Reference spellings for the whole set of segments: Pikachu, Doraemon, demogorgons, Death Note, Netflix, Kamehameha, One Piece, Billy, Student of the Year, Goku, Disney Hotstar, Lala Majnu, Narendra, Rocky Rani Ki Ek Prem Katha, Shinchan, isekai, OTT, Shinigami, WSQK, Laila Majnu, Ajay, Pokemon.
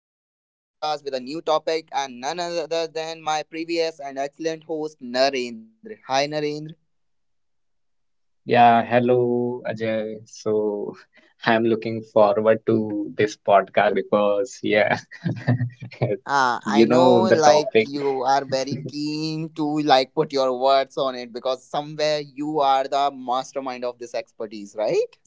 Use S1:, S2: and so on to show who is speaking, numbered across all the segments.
S1: with a new podcast with a new topic, and none other than my previous and excellent host, Narendra. Hi, Narendra.
S2: Yeah, hello Ajay. So I'm looking forward to this podcast because, yeah,
S1: I
S2: you
S1: know,
S2: know the
S1: like
S2: topic.
S1: you are very keen to like put your words on it because somewhere you are the mastermind of this expertise, right?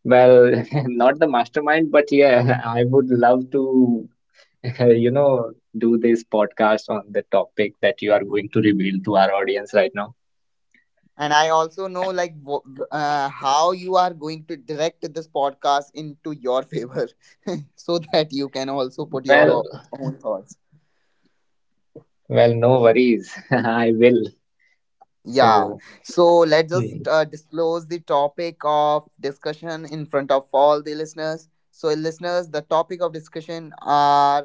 S2: Well, not the mastermind, but yeah, I would love to, you know, do this podcast on the topic that you are going to reveal to our audience right now.
S1: And I also know like how you are going to direct this podcast into your favor so that you can also put your
S2: Well,
S1: own thoughts.
S2: well, no worries. I will.
S1: Yeah.
S2: So,
S1: So let's just
S2: hmm.
S1: disclose the topic of discussion in front of all the listeners. So, listeners, the topic of discussion are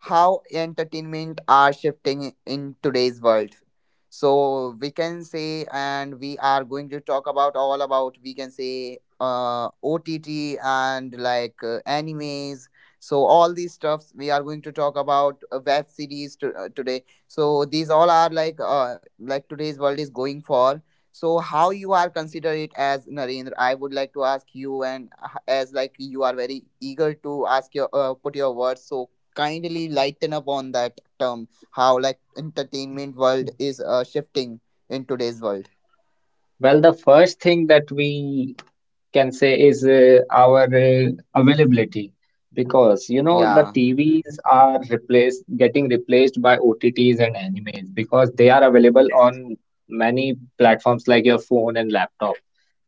S1: how entertainment are shifting in today's world, so we can say, and we are going to talk about all about, we can say, OTT and like animes. So all these stuffs we are going to talk about, web series today. So these all are like today's world is going for. So how you are consider it as, Narendra? I would like to ask you, and as like you are very eager to ask your put your words, so kindly lighten up on that term, how like entertainment world is shifting in today's world.
S2: the first thing that we can say is our availability, because you know the
S1: Yeah.
S2: TVs are replaced getting replaced by OTTs and animes, because they are available on many platforms like your phone and laptop.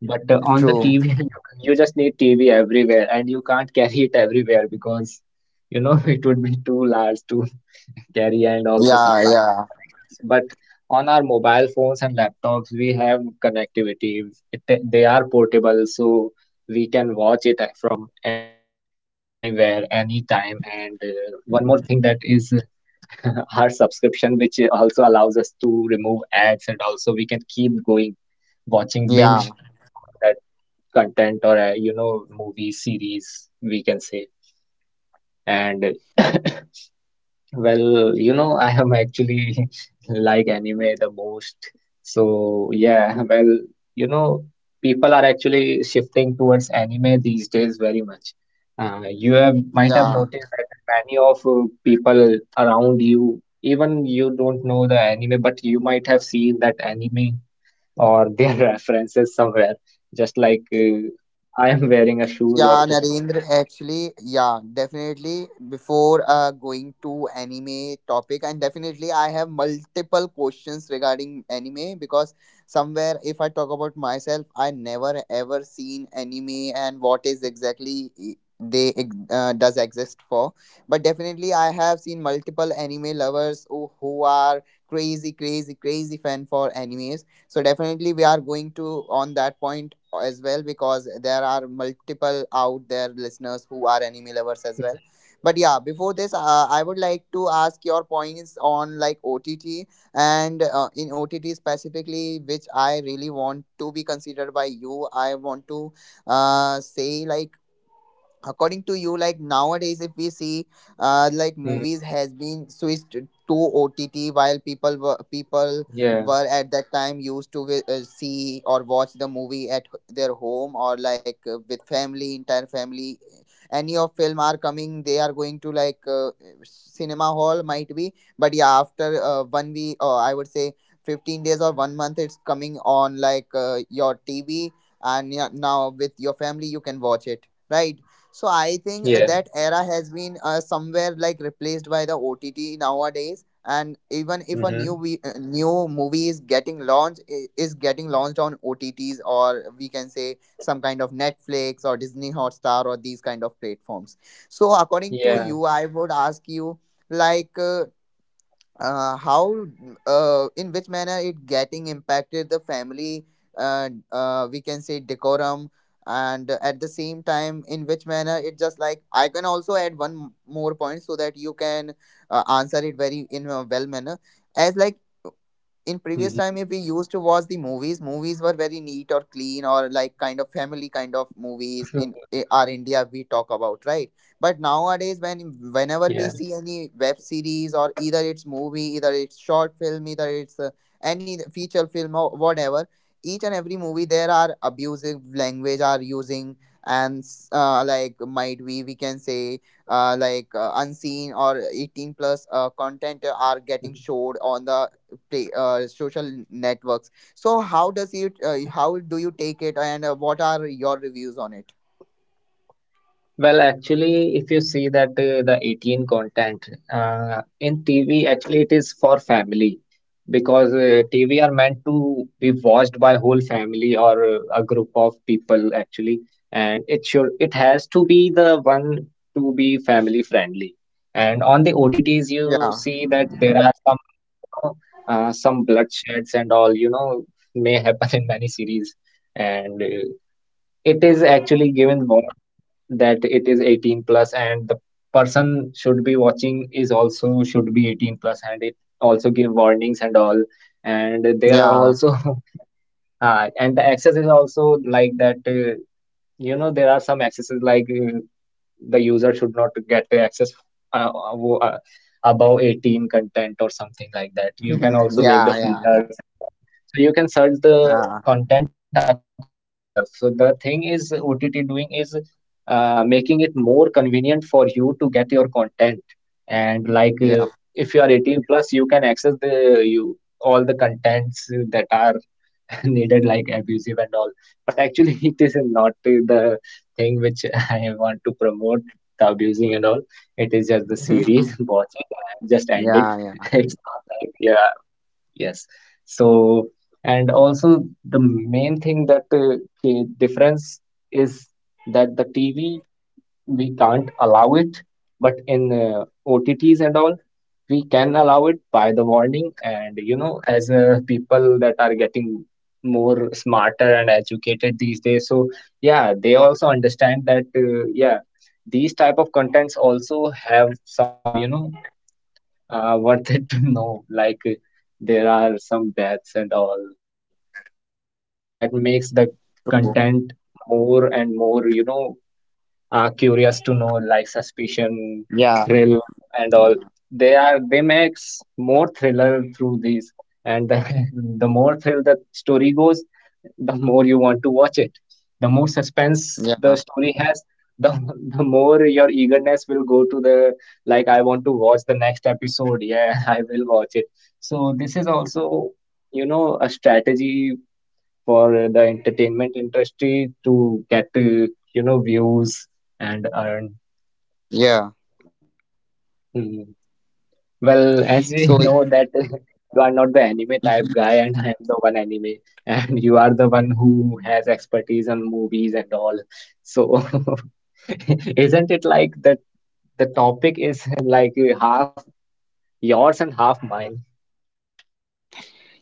S2: But on the
S1: True.
S2: TV, you just need TV everywhere, and you can't carry it everywhere because it would be too large to carry, and also
S1: Yeah,
S2: supplies
S1: yeah.
S2: and connections. But on our mobile phones and laptops, we have connectivity. They are portable, so we can watch it from anywhere, anytime. And one more thing that is our subscription, which also allows us to remove ads, and also we can keep going watching binge
S1: Yeah,
S2: on that content or movie series, we can say. And well, I am actually like anime the most. So, yeah, well, you know, people are actually shifting towards anime these days very much. You have might have
S1: yeah.
S2: noticed that many of people around you, even you don't know the anime, but you might have seen that anime or their references somewhere. Just like I am wearing a shoes of.
S1: Yeah, Narendra, actually, yeah, definitely.
S2: Mm-hmm,
S1: Before going to anime topic, and definitely, I have multiple questions regarding anime because somewhere, if I talk about myself, I never ever seen anime and what is exactly does exist for. But definitely, I have seen multiple anime lovers who are crazy, crazy, crazy fan for animes. So definitely, we are going to on that point as well, because there are multiple out there listeners who are anime lovers as well.
S2: mm-hmm,
S1: But yeah, before this, I would like to ask your points on like OTT. And in OTT specifically, which I really want to be considered by you, I want to say like, according to you, like nowadays, if we see, like movies
S2: mm-hmm,
S1: has been switched to OTT, while people were people
S2: yeah,
S1: were at that time used to see or watch the movie at their home, or like with family, entire family. Any of film are coming, they are going to like cinema hall might be, but yeah, after 1 week, or I would say 15 days or 1 month, it's coming on like your TV. And yeah, now with your family you can watch it, right? So I think that era has
S2: yes.
S1: been somewhere like replaced by the OTT nowadays. And even if a
S2: Mm-hmm.
S1: new movie is getting is getting launched on OTT's, or we can say some kind of Netflix or Disney Hotstar or these kind of platforms. So
S2: Yeah.
S1: according to you, I would ask you like. How in which manner it getting impacted the family, we can say, decorum. And at the same time, in which manner, it just like, I can also add one more point so that you can answer it very in a well manner. As like, in
S2: hmm
S1: previous time, if we used to watch the movies, movies were very neat or clean, or like kind of family kind of movies in
S2: hmm
S1: our India we talk about, right? But nowadays, when
S2: Yeah.
S1: whenever we see any web series, or either it's movie, either it's short film, either it's any feature film or whatever, each and every movie there are abusive language are using. And like might we can say, like unseen or 18 plus content are getting showed on the social networks. So how does it? How do you take it? And what are your reviews on it?
S2: Well, actually, if you see that the 18 content in TV, actually it is for family, because TV are meant to be watched by whole family or a group of people actually, and it has to be the one to be family friendly. And on the OTTs, you
S1: Yeah.
S2: see that there are some some bloodsheds and all, may happen in many series. And it is actually given warn that it is 18 plus, and the person should be watching is also should be 18 plus, and also give warnings and all. And there are
S1: Yeah.
S2: also and the access is also like that, there are some accesses, the user should not get to access uh, wo- uh, above 18 content or something like that. You can
S1: Mhm.
S2: also make the
S1: Yeah, yeah.
S2: filters and all. So you can search the
S1: Yeah,
S2: content according to yourself. So the thing is OTT doing is making it more convenient for you to get your content. And like
S1: yeah.
S2: if you are 18 plus, you can access the you all the contents that are needed, like abusive and all. But actually it is not the thing which I want to promote the abusing and all. It is just the series, watch it and just end it.
S1: Yeah, yeah.
S2: It's not like yeah yes. So, and also the main thing that difference is that the TV we can't allow it, but in OTTs and all, we can allow it by the warning. And you know, as people that are getting more smarter and educated these days, so yeah, they also understand that yeah, these type of contents also have some worth it to know. Like there are some deaths and all. Well, that makes the
S1: True.
S2: content more and more, curious to know, like suspicion,
S1: Yeah,
S2: thrill and all.
S1: yeah.
S2: They makes more thriller through these. and the, the more thrill the story goes, the more you want to watch it. The more suspense the
S1: Yeah,
S2: story has, the, the more your eagerness will go to the, like, I want to watch the next episode, yeah, I will watch it. So this is also, you know, a strategy for the entertainment industry to get, views and earn.
S1: yeah.
S2: Hmm. Well, as we
S1: So,
S2: know
S1: it,
S2: that, you are not the anime type guy and I am the one anime, and you are the one who has expertise on movies and all. So isn't it like that the topic is like half yours and half mine?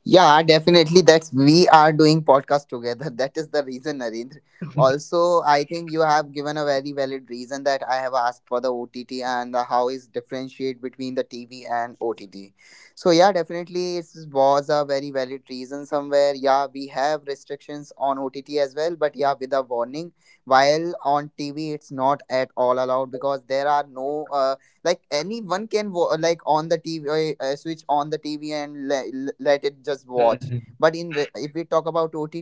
S1: Yeah, definitely. That's we are doing podcast together. That is the reason, Narendra. Also, I think you have given a very valid reason that I have asked for the OTT and the how is differentiate between the TV and OTT. So yeah, definitely it was a very valid reason somewhere. Yeah, we have restrictions on OTT as well, but yeah, with a warning. While on TV, it's not at all allowed because there are no like, anyone can like, on the TV, switch on the TV and let it just watch.
S2: Mhm.
S1: But in if we talk about OTT,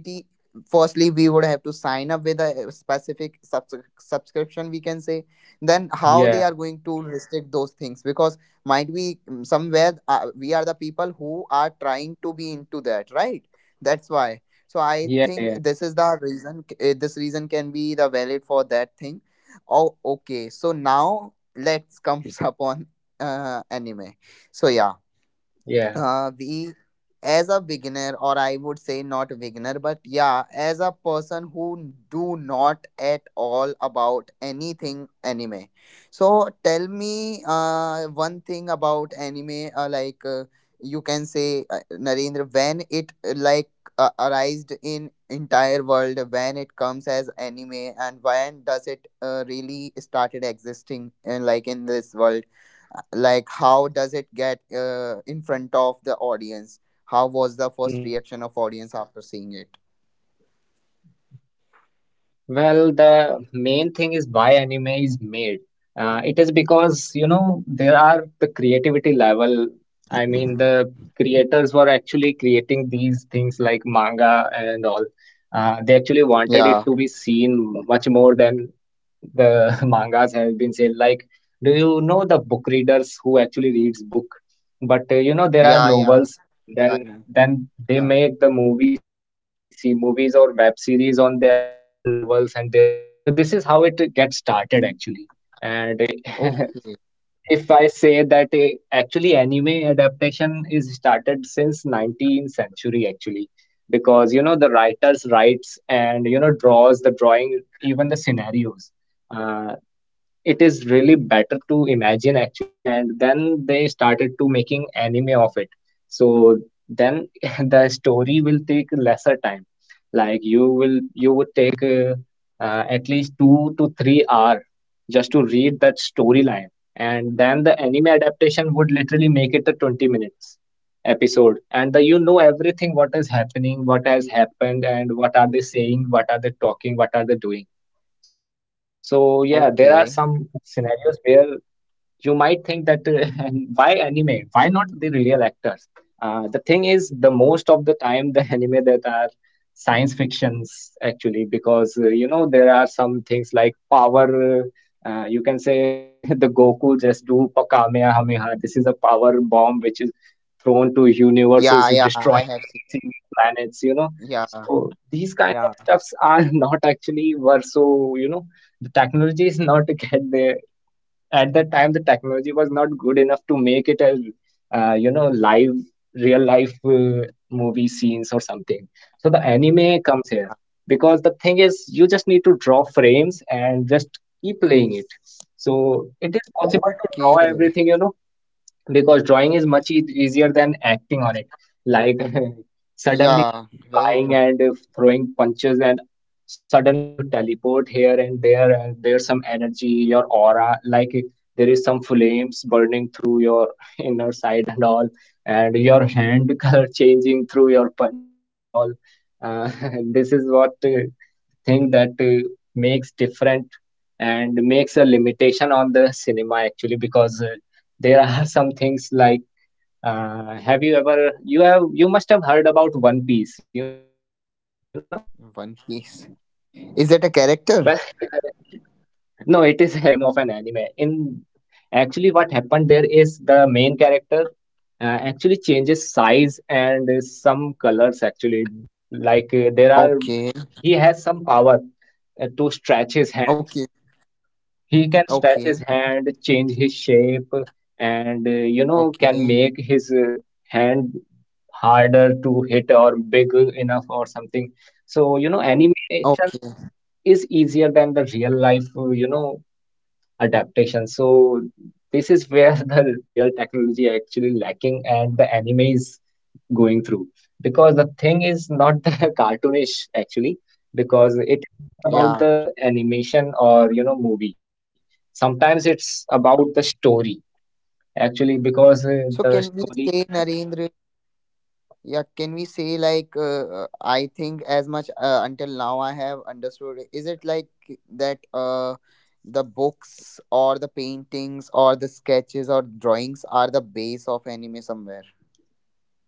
S1: firstly we would have to sign up with a specific subscription, we can say. Then how
S2: Yeah,
S1: they are going to restrict those things? Because might be, mm, somewhere we are the people who are trying to be into that, right? That's why. So I think this is the
S2: yeah,
S1: reason.
S2: yeah,
S1: This reason can be the valid for that thing. Oh, okay. So now let's comes upon anime. So yeah, we
S2: yeah.
S1: as a beginner, or I would say not a beginner, but yeah, as a person who do not at all about anything anime. So tell me one thing about anime, you can say, Narendra, when it arised in entire world, when it comes as anime, and when does it really started existing like in this world. Like how does it get in front of the audience? How was
S2: Mhm.
S1: the first reaction of audience after seeing it?
S2: Well, the main thing is why anime is made. It is because, you know, there are the creativity level. I mean, the creators were actually creating these things and all. They actually wanted it to be
S1: Yeah.
S2: seen much more than the mangas have been said. Like, do you know the book readers who actually reads book? But you know, there are
S1: Yeah. Yeah.
S2: novels,
S1: Yeah.
S2: then
S1: Yeah,
S2: then they
S1: yeah.
S2: make the movies or web series on that novels and their stories. So this is how it gets started actually. And
S1: Okay.
S2: if I say that, actually anime adaptation is started since 19th century actually, because you know the writers writes and you know draws the drawing even the scenarios. Uh, it is really better to imagine actually, and then they started to making anime of it. So then, the story will take lesser time. Like you would at least 2 to 3 hour just to read that storyline, and then the anime adaptation would literally make it a 20 minutes episode and you know, everything what is happening, what has happened, and what are they saying, what are they talking, what are they doing. So yeah, there are some
S1: Okay.
S2: scenarios where you might think that, why anime? Why not the real actors? The thing is, the most of the time, the anime that are science fictions actually, because you know there are some things like power. You can say the Goku just Kamehameha. This is a power bomb which is thrown to universes,
S1: Yeah, yeah.
S2: destroying
S1: I have seen.
S2: galaxies and planets. You know,
S1: Yeah.
S2: so these kind of
S1: Yeah.
S2: stuffs are not actually were, so you know the technology is not get there. At that time the technology was not good enough to make it a, live real life, movie scenes or something. So the anime comes here,
S1: Yeah.
S2: because the thing is you just need to draw frames and just keep playing it. So it is possible to draw
S1: Okay.
S2: everything, you know, because drawing is much e easier than acting on it. Like suddenly
S1: Yeah.
S2: you
S1: Very
S2: flying
S1: true.
S2: and throwing punches, and suddenly you teleport here and there, and there's some energy, your aura, like there is some flames burning through your inner side and all, and your hand color changing through your punches and all. Uh, this is what, thing that, makes different and makes a limitation on the cinema actually, because there are some things like, have you ever, you must have heard about One Piece, you know?
S1: One piece.
S2: Well,
S1: Is that a character?
S2: no, it is actually a name of an anime. In Actually, what happened there is the main character, uh, actually changes size and some colors actually. Like there are,
S1: Okay.
S2: he has some power to stretch his
S1: Okay.
S2: hands. He can stretch his
S1: Okay.
S2: hand, change his shape, and you know, can
S1: Okay.
S2: make his hand harder to hit or big enough or something. So, you know, animation
S1: Okay.
S2: is easier than the real life, adaptation. So, this is where the real technology actually lacking, and the anime is going through, because the thing is not the cartoonish actually, because it is not
S1: Yeah.
S2: about the animation or you know movie. Sometimes it's about the story actually, because
S1: So
S2: the
S1: can we
S2: story
S1: say,
S2: that,
S1: Narendra, yeah, can we say like, I think as much until now I have understood. Is it like that the books or the paintings or the sketches or drawings are the base of anime somewhere?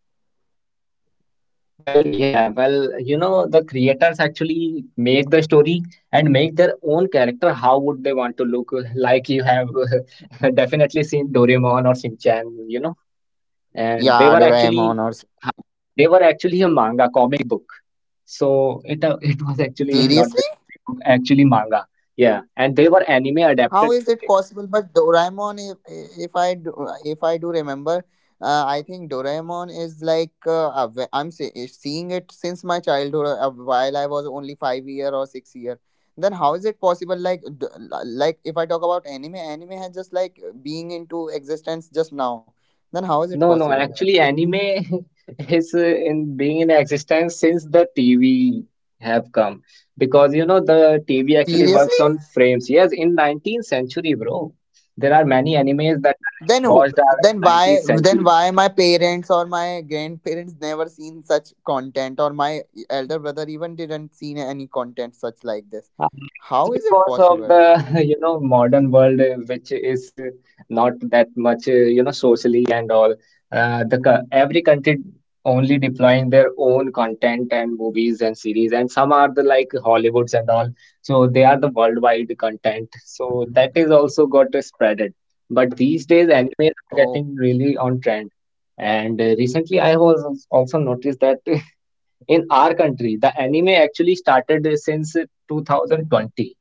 S2: well yeah, well, you know, the creators actually make the story and make their own character how would they want to look. Like you have, definitely seen Doraemon or Shinchan, you know, and they were actually,
S1: Yeah,
S2: ha,
S1: Doraemon or
S2: they were actually a manga comic book. So it it was actually not the comic
S1: seriously?
S2: book, actually manga. Yeah, and they were anime adapted
S1: How
S2: through
S1: is it
S2: this.
S1: possible? But Doraemon, if I do remember, I think Doraemon is like a is seeing it since my childhood, while I was only 5 year or 6 year. Then how is it possible? Like, like if I talk about anime, anime has just like being into existence just now. Then how is it
S2: No, no,
S1: possible?
S2: actually anime is, in being in existence since the TV have come, because you know the TV actually
S1: Seriously?
S2: works on frames. Yes, in 19th century, bro. There are many animes that I
S1: Then who,
S2: have watched are
S1: then
S2: in
S1: why,
S2: 19th
S1: then
S2: century.
S1: why my parents or my grandparents never seen such content, or my elder brother even didn't seen any content such like this.
S2: It is
S1: How is it
S2: because of
S1: possible?
S2: the modern world which is not that much you know socially and all. Every country only deploying their own content and movies and series, and some are the like Hollywoods and all, so they are the worldwide content, so that is also got spreaded. But these days animes are
S1: Oh,
S2: getting really on trend. And recently I was also noticed that. In our country, the anime actually started since 2020.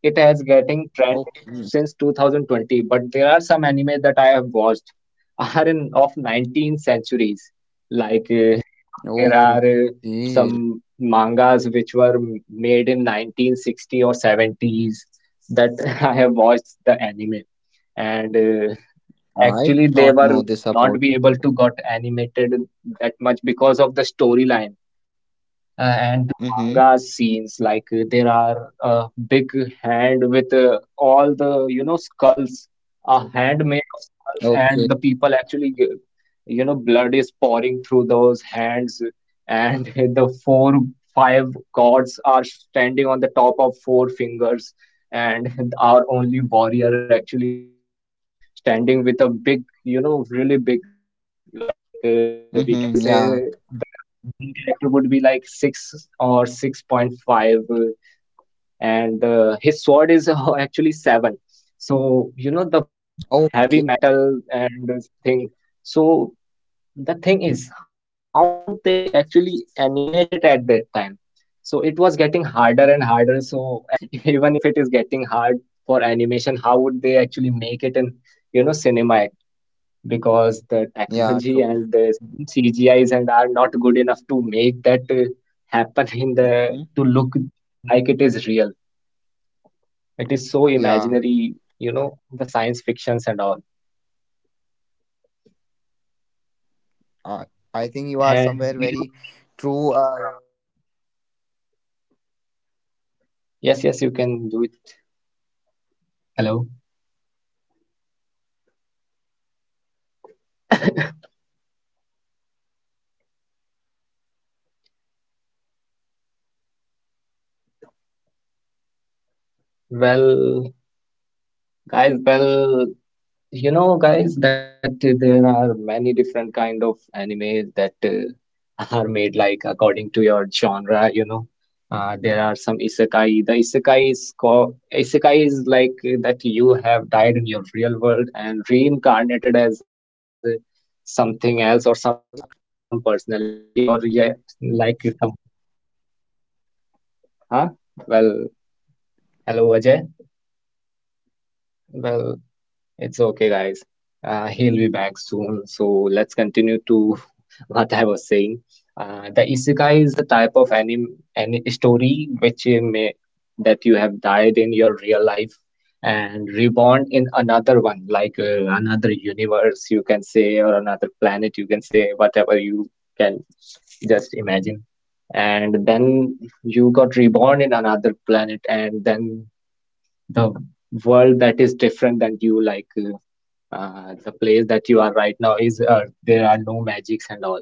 S2: It has getting trend in
S1: okay.
S2: since 2020, but there are some anime that I have watched are in of 19th centuries. Like you know, there are
S1: Okay.
S2: some mangas which were made in 1960 or 70s that I have watched the anime, and
S1: I
S2: actually
S1: did
S2: they
S1: not
S2: were
S1: know this
S2: not
S1: about.
S2: be able to got animated that much because of the storyline, and the
S1: Mm-hmm.
S2: manga scenes like there are a big hand with all the you know skulls, a hand made of skulls, and
S1: Okay.
S2: the people actually you know blood is pouring through those hands, and the 4 5 gods are standing on the top of four fingers, and our only warrior actually standing with a big you know really big, like we
S1: Mm-hmm.
S2: can say
S1: Yeah.
S2: the main character would be like 6 or 6.5, and his sword is actually 7. So you know the heavy
S1: Okay.
S2: metal and this thing. So the thing is, how would they actually animate it at that time? So it was getting harder and harder. So and even if it is getting animation, how would they actually make it in you know cinema, because the
S1: Yeah.
S2: technology
S1: True.
S2: and the you know CGIs and are not good enough to make that happen in the
S1: Mhm.
S2: to look like it is real. It is so
S1: Yeah.
S2: imaginary, you know, the science fictions and all.
S1: Uh, I think you are somewhere very
S2: And there would
S1: true,
S2: be
S1: We can say.
S2: uh,
S1: Also, I would like to ask you one question. Like, Narendra, eh,
S2: it.
S1: like I have seen
S2: Hello.
S1: one of the I have seen one of the, I don't know what to say, that kind of anime. But yeah, Poke. Does Pokemon consider as a anime, or is it like only a cartoon series?
S2: Well, guys, you know, guys, that there are many different kind of animes that are made like according to your genre. You know, there are some isekai. The isekai is co isekai is like that you have died in your real world and reincarnated as something else or some personality, or yeah, like someone. Huh? Well, hello, Ajay.
S1: Yes,
S2: Well.
S1: yes, I'm
S2: It's
S1: hearing.
S2: okay, guys. He'll be back soon. So let's continue to what I was saying. The isekai is the type of anime, any story which you may that you have died in your real life and reborn another one, like another universe, you can say, or another planet, you can say, whatever you can just imagine. And then you got reborn in another planet, and then the world that is different than you, like. The place that you are right now is there are no magics and all,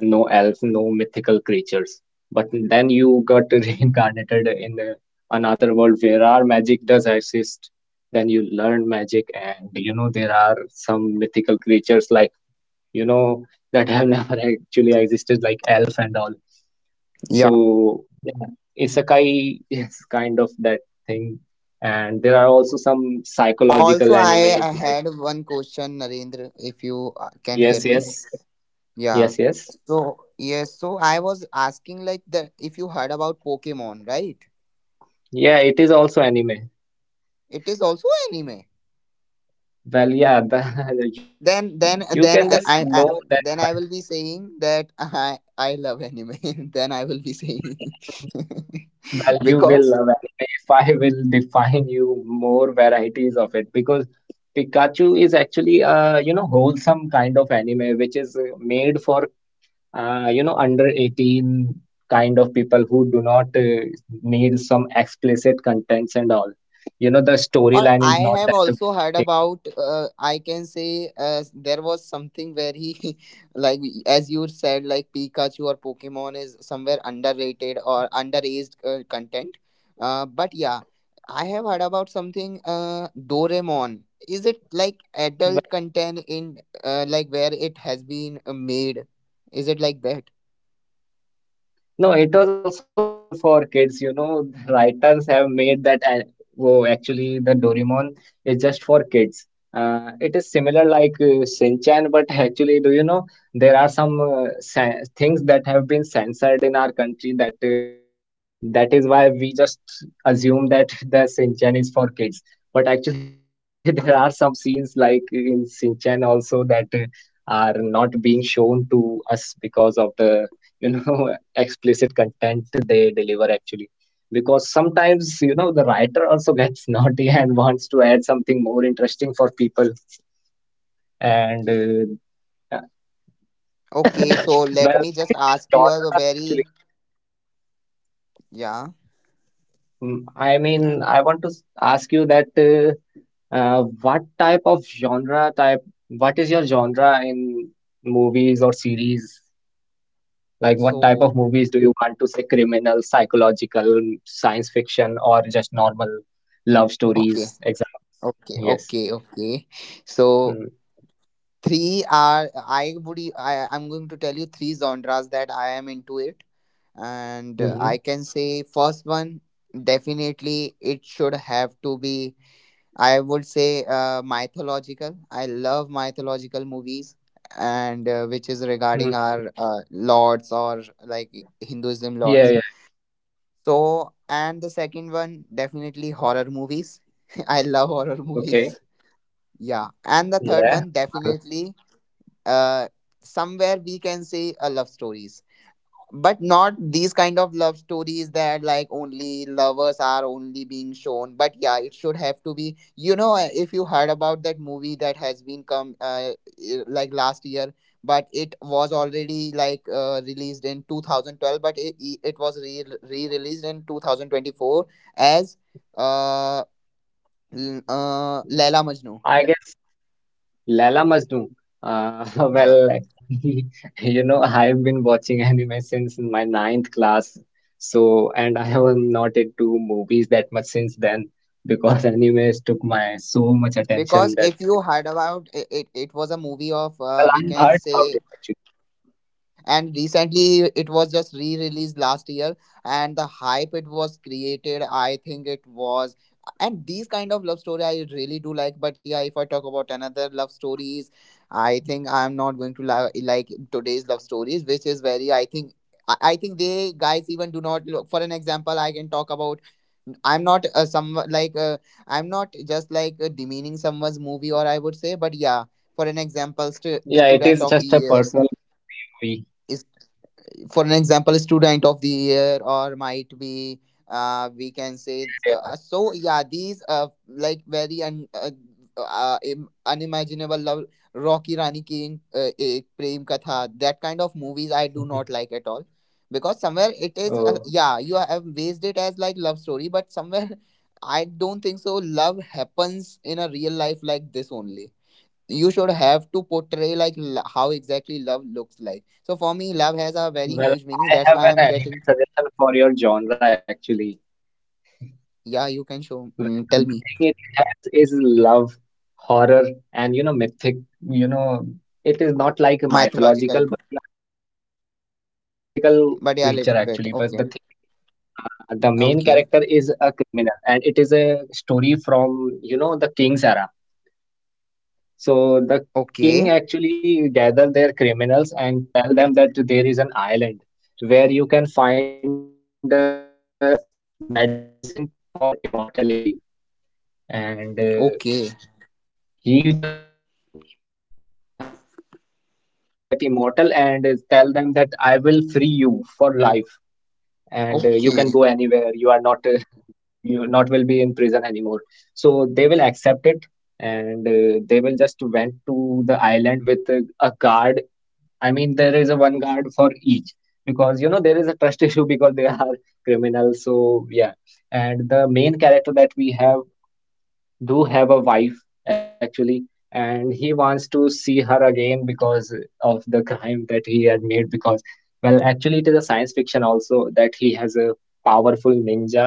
S2: no elves, no mythical creatures. But then you got reincarnated in another world where our magic does exist. Then you learn magic, and you know there are some mythical creatures like you know that have never actually existed, like elf and all.
S3: Yeah.
S2: So yeah, isekai is kind of that thing. And there are also some psychological
S3: Also, I,
S2: animes
S3: I
S2: like.
S3: had one question, Narendra, if you can hear
S2: Yes,
S3: me.
S2: yes. Yes,
S3: Yeah.
S2: yes.
S3: So, yes, so I was asking like that if you heard about Pokemon, right?
S2: Yeah, it is also anime.
S3: It is also anime.
S2: Well, yeah, the, you know,
S3: Then,
S2: you
S3: then,
S2: can
S3: then
S2: just
S3: I, I,
S2: know
S3: I
S2: that by.
S3: then I will be saying that I love anime. Then I will be saying
S2: Well, you will love
S3: because
S2: anime if I will define you more varieties of it, because Pikachu is actually a you know wholesome kind of anime which is made for you know under 18 kind of people who do not need some explicit contents and all. You know, the
S3: or
S2: storyline is
S3: I
S2: not
S3: have
S2: that a
S3: also heard
S2: thing.
S3: about, I can say, there was something where he, like, as you said, like Pikachu or Pokemon is somewhere underrated or underaged content. But yeah, I have heard about something, Doraemon. Is it like adult content in, like, where it has been made? Is it like that?
S2: No, it was also made for kids. You know, writers have made that. Oh, actually, the Doraemon is just for kids. It is similar like Shinchan, but actually, do you know there are some things that have been censored in our country that that is why we just assume that the Shinchan is for kids. But actually, there are some scenes like in Shinchan also that are not being shown to us because of the, you know, explicit content they deliver actually. Because sometimes, you know, the writer also gets naughty and wants to add something more interesting for people. And uh, uh,
S3: Okay, so let
S2: well,
S3: me
S2: what
S3: just
S2: is your
S3: ask you a
S2: genre
S3: very,
S2: actually?
S3: yeah,
S2: Mm, I mean, I want to ask you that. What type of genre type, what is your genre in movies or series? Like what
S3: so,
S2: type of movies do you want to say, criminal, psychological, science fiction, or just normal love
S3: okay.
S2: stories, exams?
S3: Okay,
S2: Yes.
S3: okay, okay. So
S2: Mm-hmm.
S3: three are I'm going to tell you three genres that I am into it, and I
S2: Mm-hmm.
S3: can say first one definitely it should have to be I would say mythological. I love mythological movies, and which is regarding
S2: Mm-hmm.
S3: our lords or like Hinduism
S2: Yeah,
S3: lords.
S2: yeah, yeah.
S3: So and the second one definitely horror movies. I love horror
S2: Okay.
S3: movies. Yeah, and the third one
S2: Yeah. Well,
S3: definitely uh somewhere we can say love stories, but not these kind of love stories that like only lovers are only being shown. But yeah, it should have to be. You know, if you heard about that movie that has been come like last year, but it was already like released in 2012, but it was re re-released in 2024 as uh, Laila Majnu.
S2: I guess Lala Majnu.
S3: Yeah,
S2: Well, actually, you know, I've been watching anime since my ninth class. So, and I have not into movies that much since then because animes took my so much
S3: because
S2: attention that,
S3: if you heard about it, it was a movie of
S2: well, I
S3: we
S2: have
S3: can
S2: heard about
S3: say.
S2: it actually.
S3: And recently it was just re-released last year, and the hype it was created, I think it was. And these kind of love story I really do like, but yeah, if I talk about another love stories, I think I'm not going to like today's love stories, which is very I think. I think they guys even do not look. For an example, I can talk about, I'm not some like I'm not just like demeaning someone's movie or I would say, but yeah, for an example,
S2: Yeah, it
S3: Student
S2: is
S3: of the
S2: just a
S3: Year.
S2: personal POV.
S3: For an example, Student of the Year, or might be we can say,
S2: Yeah, yeah.
S3: so yeah, these unimaginable love, Rocky Rani Ki Ek Prem Katha, that kind of movies I do not like at all, because somewhere it is
S2: Oh,
S3: yeah, you have based it as like love story, but somewhere I don't think so love happens in a real life like this only. You should have to portray like how exactly love looks like. So for me, love has a very huge
S2: well,
S3: meaning.
S2: I
S3: That's why
S2: have an
S3: I'm
S2: anime
S3: getting.
S2: suggestion for your genre actually.
S3: Yeah, you can show,
S2: Well,
S3: tell
S2: the
S3: me.
S2: thing it has is love, horror, and you know, mythic. You know, it is not like a
S3: Mythological,
S2: mythological, but yeah, mythical, mythical creature
S3: but
S2: actually.
S3: yeah,
S2: But the
S3: little
S2: thing
S3: bit,
S2: is,
S3: okay.
S2: the main character is
S3: okay
S2: a criminal, and it is a story from you know the king's era.
S3: okay
S2: So the king actually gather their criminals and tell them that there is an island where you can find a medicine for immortality, and
S3: okay
S2: he just wants to. So he just wants to get immortal and tell them that I will free you for life, and
S3: okay
S2: you can go anywhere. You are not you not will be in prison anymore. And they will just went to the island with a guard. I mean, there is a one guard for each, because you know there is a trust issue because they are criminals. So yeah, and the main character that we have do have a wife actually, and he wants to see her again because of the crime that he had made, because well actually it is a science fiction also that he has a powerful ninja,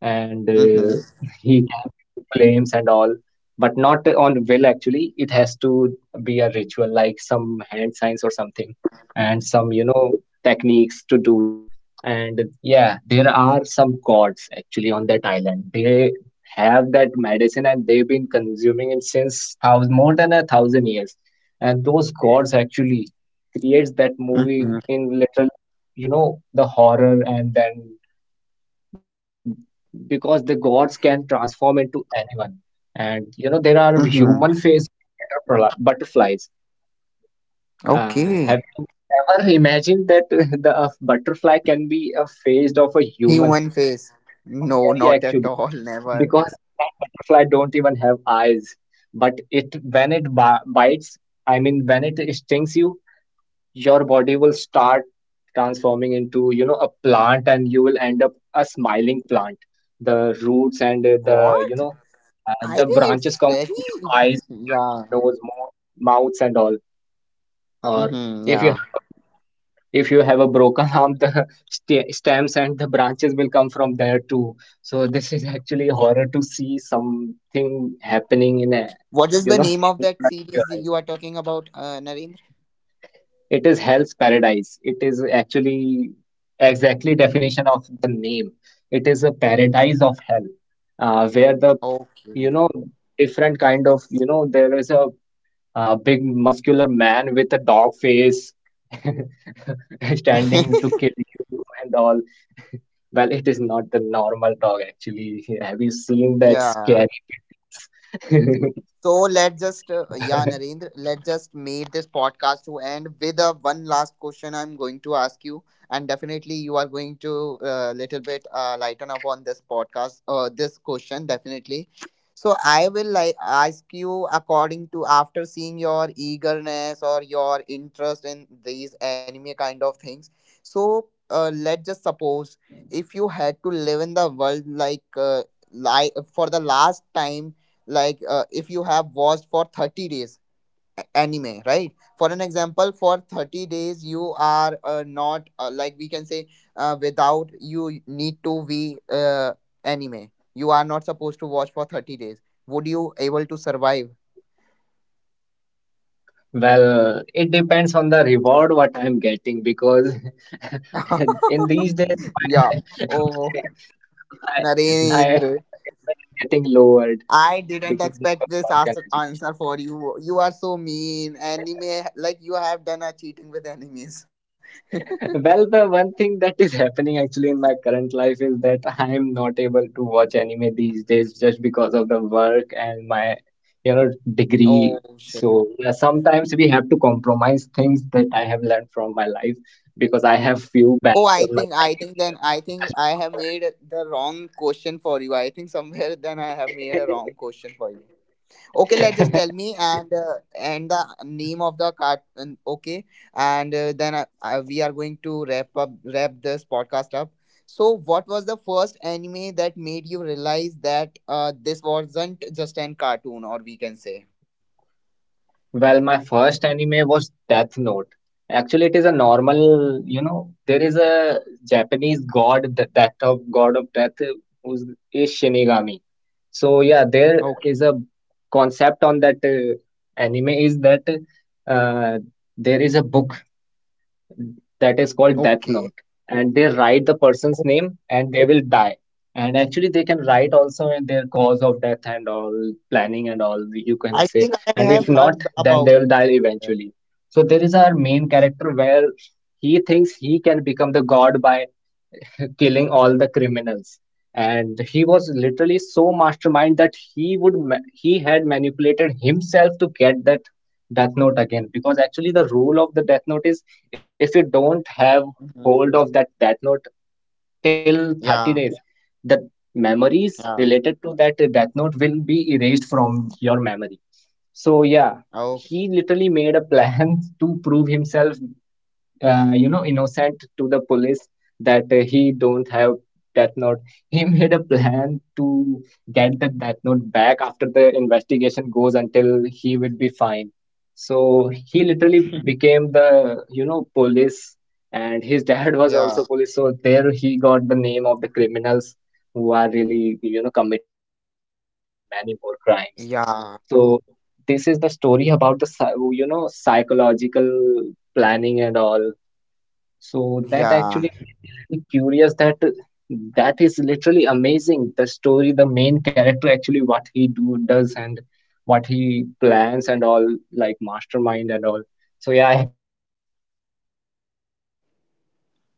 S2: and
S3: Mm-hmm.
S2: he can use flames and all, but not on will actually. It has to be a ritual, like some hand signs or something, and some, you know, techniques to do it. And yeah, there are some gods actually on that island. They have that medicine and they've been consuming it since thousand, more than a thousand years. And those gods actually creates that movie
S3: Mm-hmm.
S2: in little, you know, the horror, and then because the gods can transform into anyone and you know there are human
S3: Mm-hmm.
S2: faced butterfly butterflies,
S3: Okay.
S2: have you ever imagined that the a butterfly can be a face of a human,
S3: Human face.
S2: which is so
S3: No,
S2: scary
S3: not at all.
S2: actually.
S3: Never.
S2: Because butterfly don't even have eyes, but it when it bi bites, I mean when it stings you, your body will start transforming into you know a plant, and you will end up a smiling plant, the roots and the you
S3: What?
S2: know
S3: I
S2: the
S3: think
S2: branches
S3: it's
S2: come from your
S3: very,
S2: eyes, ears,
S3: yeah.
S2: nose, mouth, mouths and all. Or
S3: Mm-hmm.
S2: if you
S3: Yeah.
S2: have a if you have a broken arm, the st stems and the branches will come from there too. So this is actually horror to see something happening in a
S3: What is
S2: you
S3: the
S2: know
S3: name of
S2: in
S3: that
S2: front of your
S3: series you
S2: eyes.
S3: are talking about, Narendra?
S2: It is hell's paradise. It is actually exactly definition of the name. It is a paradise of hell, where the you
S3: Okay.
S2: know different kind of you know there is a, big muscular man with a dog face standing to kill you and all. Well, it is not the normal dog actually. Have you seen that
S3: Yeah,
S2: scary pit bulls?
S3: so let's just, yeah, Narendra, let's just make this podcast to end with a one last question I'm going to ask you, and definitely you are going to little bit lighten up on this podcast, this question definitely. So I will like ask you according to after seeing your eagerness or your interest in these anime kind of things. So let's just suppose if you had to live in the world like for the last time, like if you have watched for 30 days anime, right? For an example, for 30 days you are not like we can say without, you need to be anime, you are not supposed to watch for 30 days. Would you able to survive?
S2: Well, it depends on the reward what I'm getting, because in these days
S3: Yeah.
S2: my
S3: Oh,
S2: my my my
S3: Narendra,
S2: entertainment is getting lowered
S3: I didn't
S2: because of
S3: expect
S2: the
S3: this
S2: work and
S3: answer
S2: education.
S3: for you. You are so mean. Anime, like you have done a cheating with enemies.
S2: Well, the one thing that is happening actually in my current life is that I am not able to watch anime these days just because of the work and my, you know,
S3: Oh
S2: degree.
S3: shit.
S2: So yeah, sometimes we have to compromise things that I have learned from my life, because I have few
S3: Oh, I
S2: backs in
S3: think
S2: my
S3: I think
S2: second
S3: then
S2: year
S3: I think
S2: just
S3: I
S2: because
S3: have
S2: of
S3: made the wrong question for you. I think somewhere then I have made a wrong
S2: anime.
S3: question for you. Okay, let's just tell me, and the name of the cart, and- okay, and then we are going to wrap this podcast up. So, what was the first anime that made you realize that this wasn't just an cartoon, or we can say?
S2: Well, my first anime was Death Note. Actually, it is a normal, you know, there is a Japanese god, the death of god of death, who's is Shinigami. So yeah, there
S3: Okay,
S2: is a concept on that anime is that uh, there is a book that is called death note,
S3: okay.
S2: and they write the person's name and they will die, and actually they can write also in their cause of death and all planning and all, you can
S3: I
S2: say.
S3: think I
S2: And
S3: have
S2: if not,
S3: heard
S2: then
S3: about
S2: they will die
S3: it.
S2: eventually. So there is our main character where he thinks he can become the god by killing all the criminals, and he was literally so mastermind that he would he had manipulated himself to get that death note again, because actually the rule of the death note is, if you don't have
S3: Mhm.
S2: hold of that death note till 30 days,
S3: Yeah,
S2: the memories
S3: yeah.
S2: related to that death note will be erased from your memory. So yeah,
S3: Oh,
S2: he literally made a plan to prove himself you know innocent to the police that he don't have death note. He made a plan to get the death note back after the investigation goes until he will be fine. So he literally became the you know police, and his dad was
S3: yeah.
S2: also police, so there he got the name of the criminals who are really you know committed murder and many more crimes.
S3: Yeah,
S2: So this is the story about the you know psychological planning and all. So that
S3: yeah,
S2: actually made me really curious that that is literally amazing. The story, the main character actually what he do does, and what he plans and all, like mastermind and all. So yeah, actually my genre is also psycho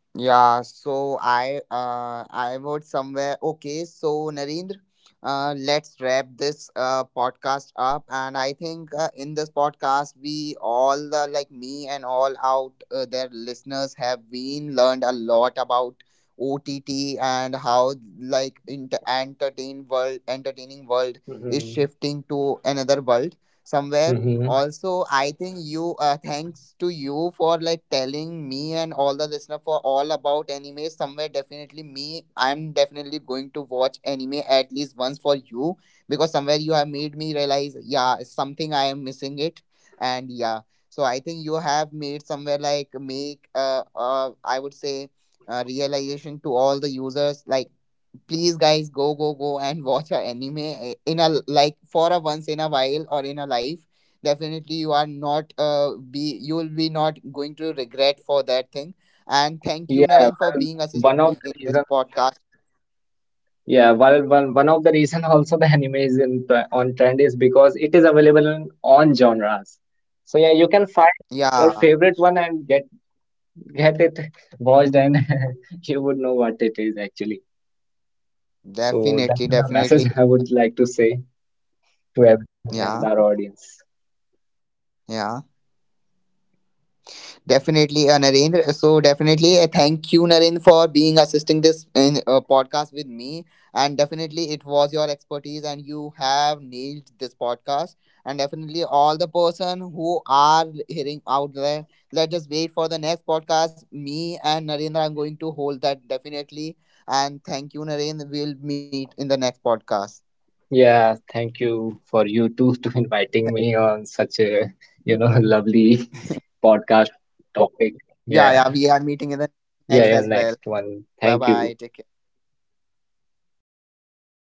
S2: type,
S3: yeah.
S2: you
S3: So
S2: know, the planning and
S3: I
S2: mastermind
S3: would
S2: thing type.
S3: somewhere. Okay,
S2: So
S3: so Narendra,
S2: this
S3: let's wrap this
S2: also literally
S3: podcast up. And I think in this podcast, we all the like me and all out their listeners have been learned a lot about OTT and how like inter entertain world entertaining world is
S2: mhm,
S3: shifting to another world somewhere.
S2: mhm.
S3: Also, I think you thanks to you for like telling me and all the listener for all about anime. Somewhere definitely me, I'm definitely going to watch anime at least once for you, because somewhere you have made me realize, yeah, it's something I am missing it, and yeah. So I think you have made somewhere like make I would say realization to all the users, like please guys go and watch a anime in a like for a once in a while or in a life. Definitely you are not be you'll be not going to regret for that thing. And thank you,
S2: Yeah,
S3: Naren, for
S2: well,
S3: being
S2: one
S3: assistant
S2: of the
S3: in this
S2: reasons
S3: podcast.
S2: Yeah, well, one of the reason also the anime is in on trend is because it is available in on genres. So yeah, you can find your
S3: Yeah,
S2: favorite one and get it watched, and you would know what it is actually. So that
S3: definitely,
S2: is the message
S3: definitely.
S2: I would like to say to everyone and
S3: Yeah,
S2: our audience.
S3: yeah. Definitely, Narendra. So definitely, thank you, Narendra, for being assisting this in podcast with me. And definitely, it was your expertise, and you have nailed this podcast. And definitely, all the person who are hearing out there, let just wait for the next podcast. Me and Narendra, I'm going to hold that definitely. And thank you, Narendra. We'll meet in the next podcast.
S2: Yeah, thank you for you too to inviting me on such a you know lovely podcast
S3: Yeah, yeah,
S2: topic.
S3: we are meeting in
S2: Yeah,
S3: the next as well.
S2: yeah, yeah.
S3: Bye
S2: Next
S3: bye. Take
S2: one.
S3: care.
S2: Thank you.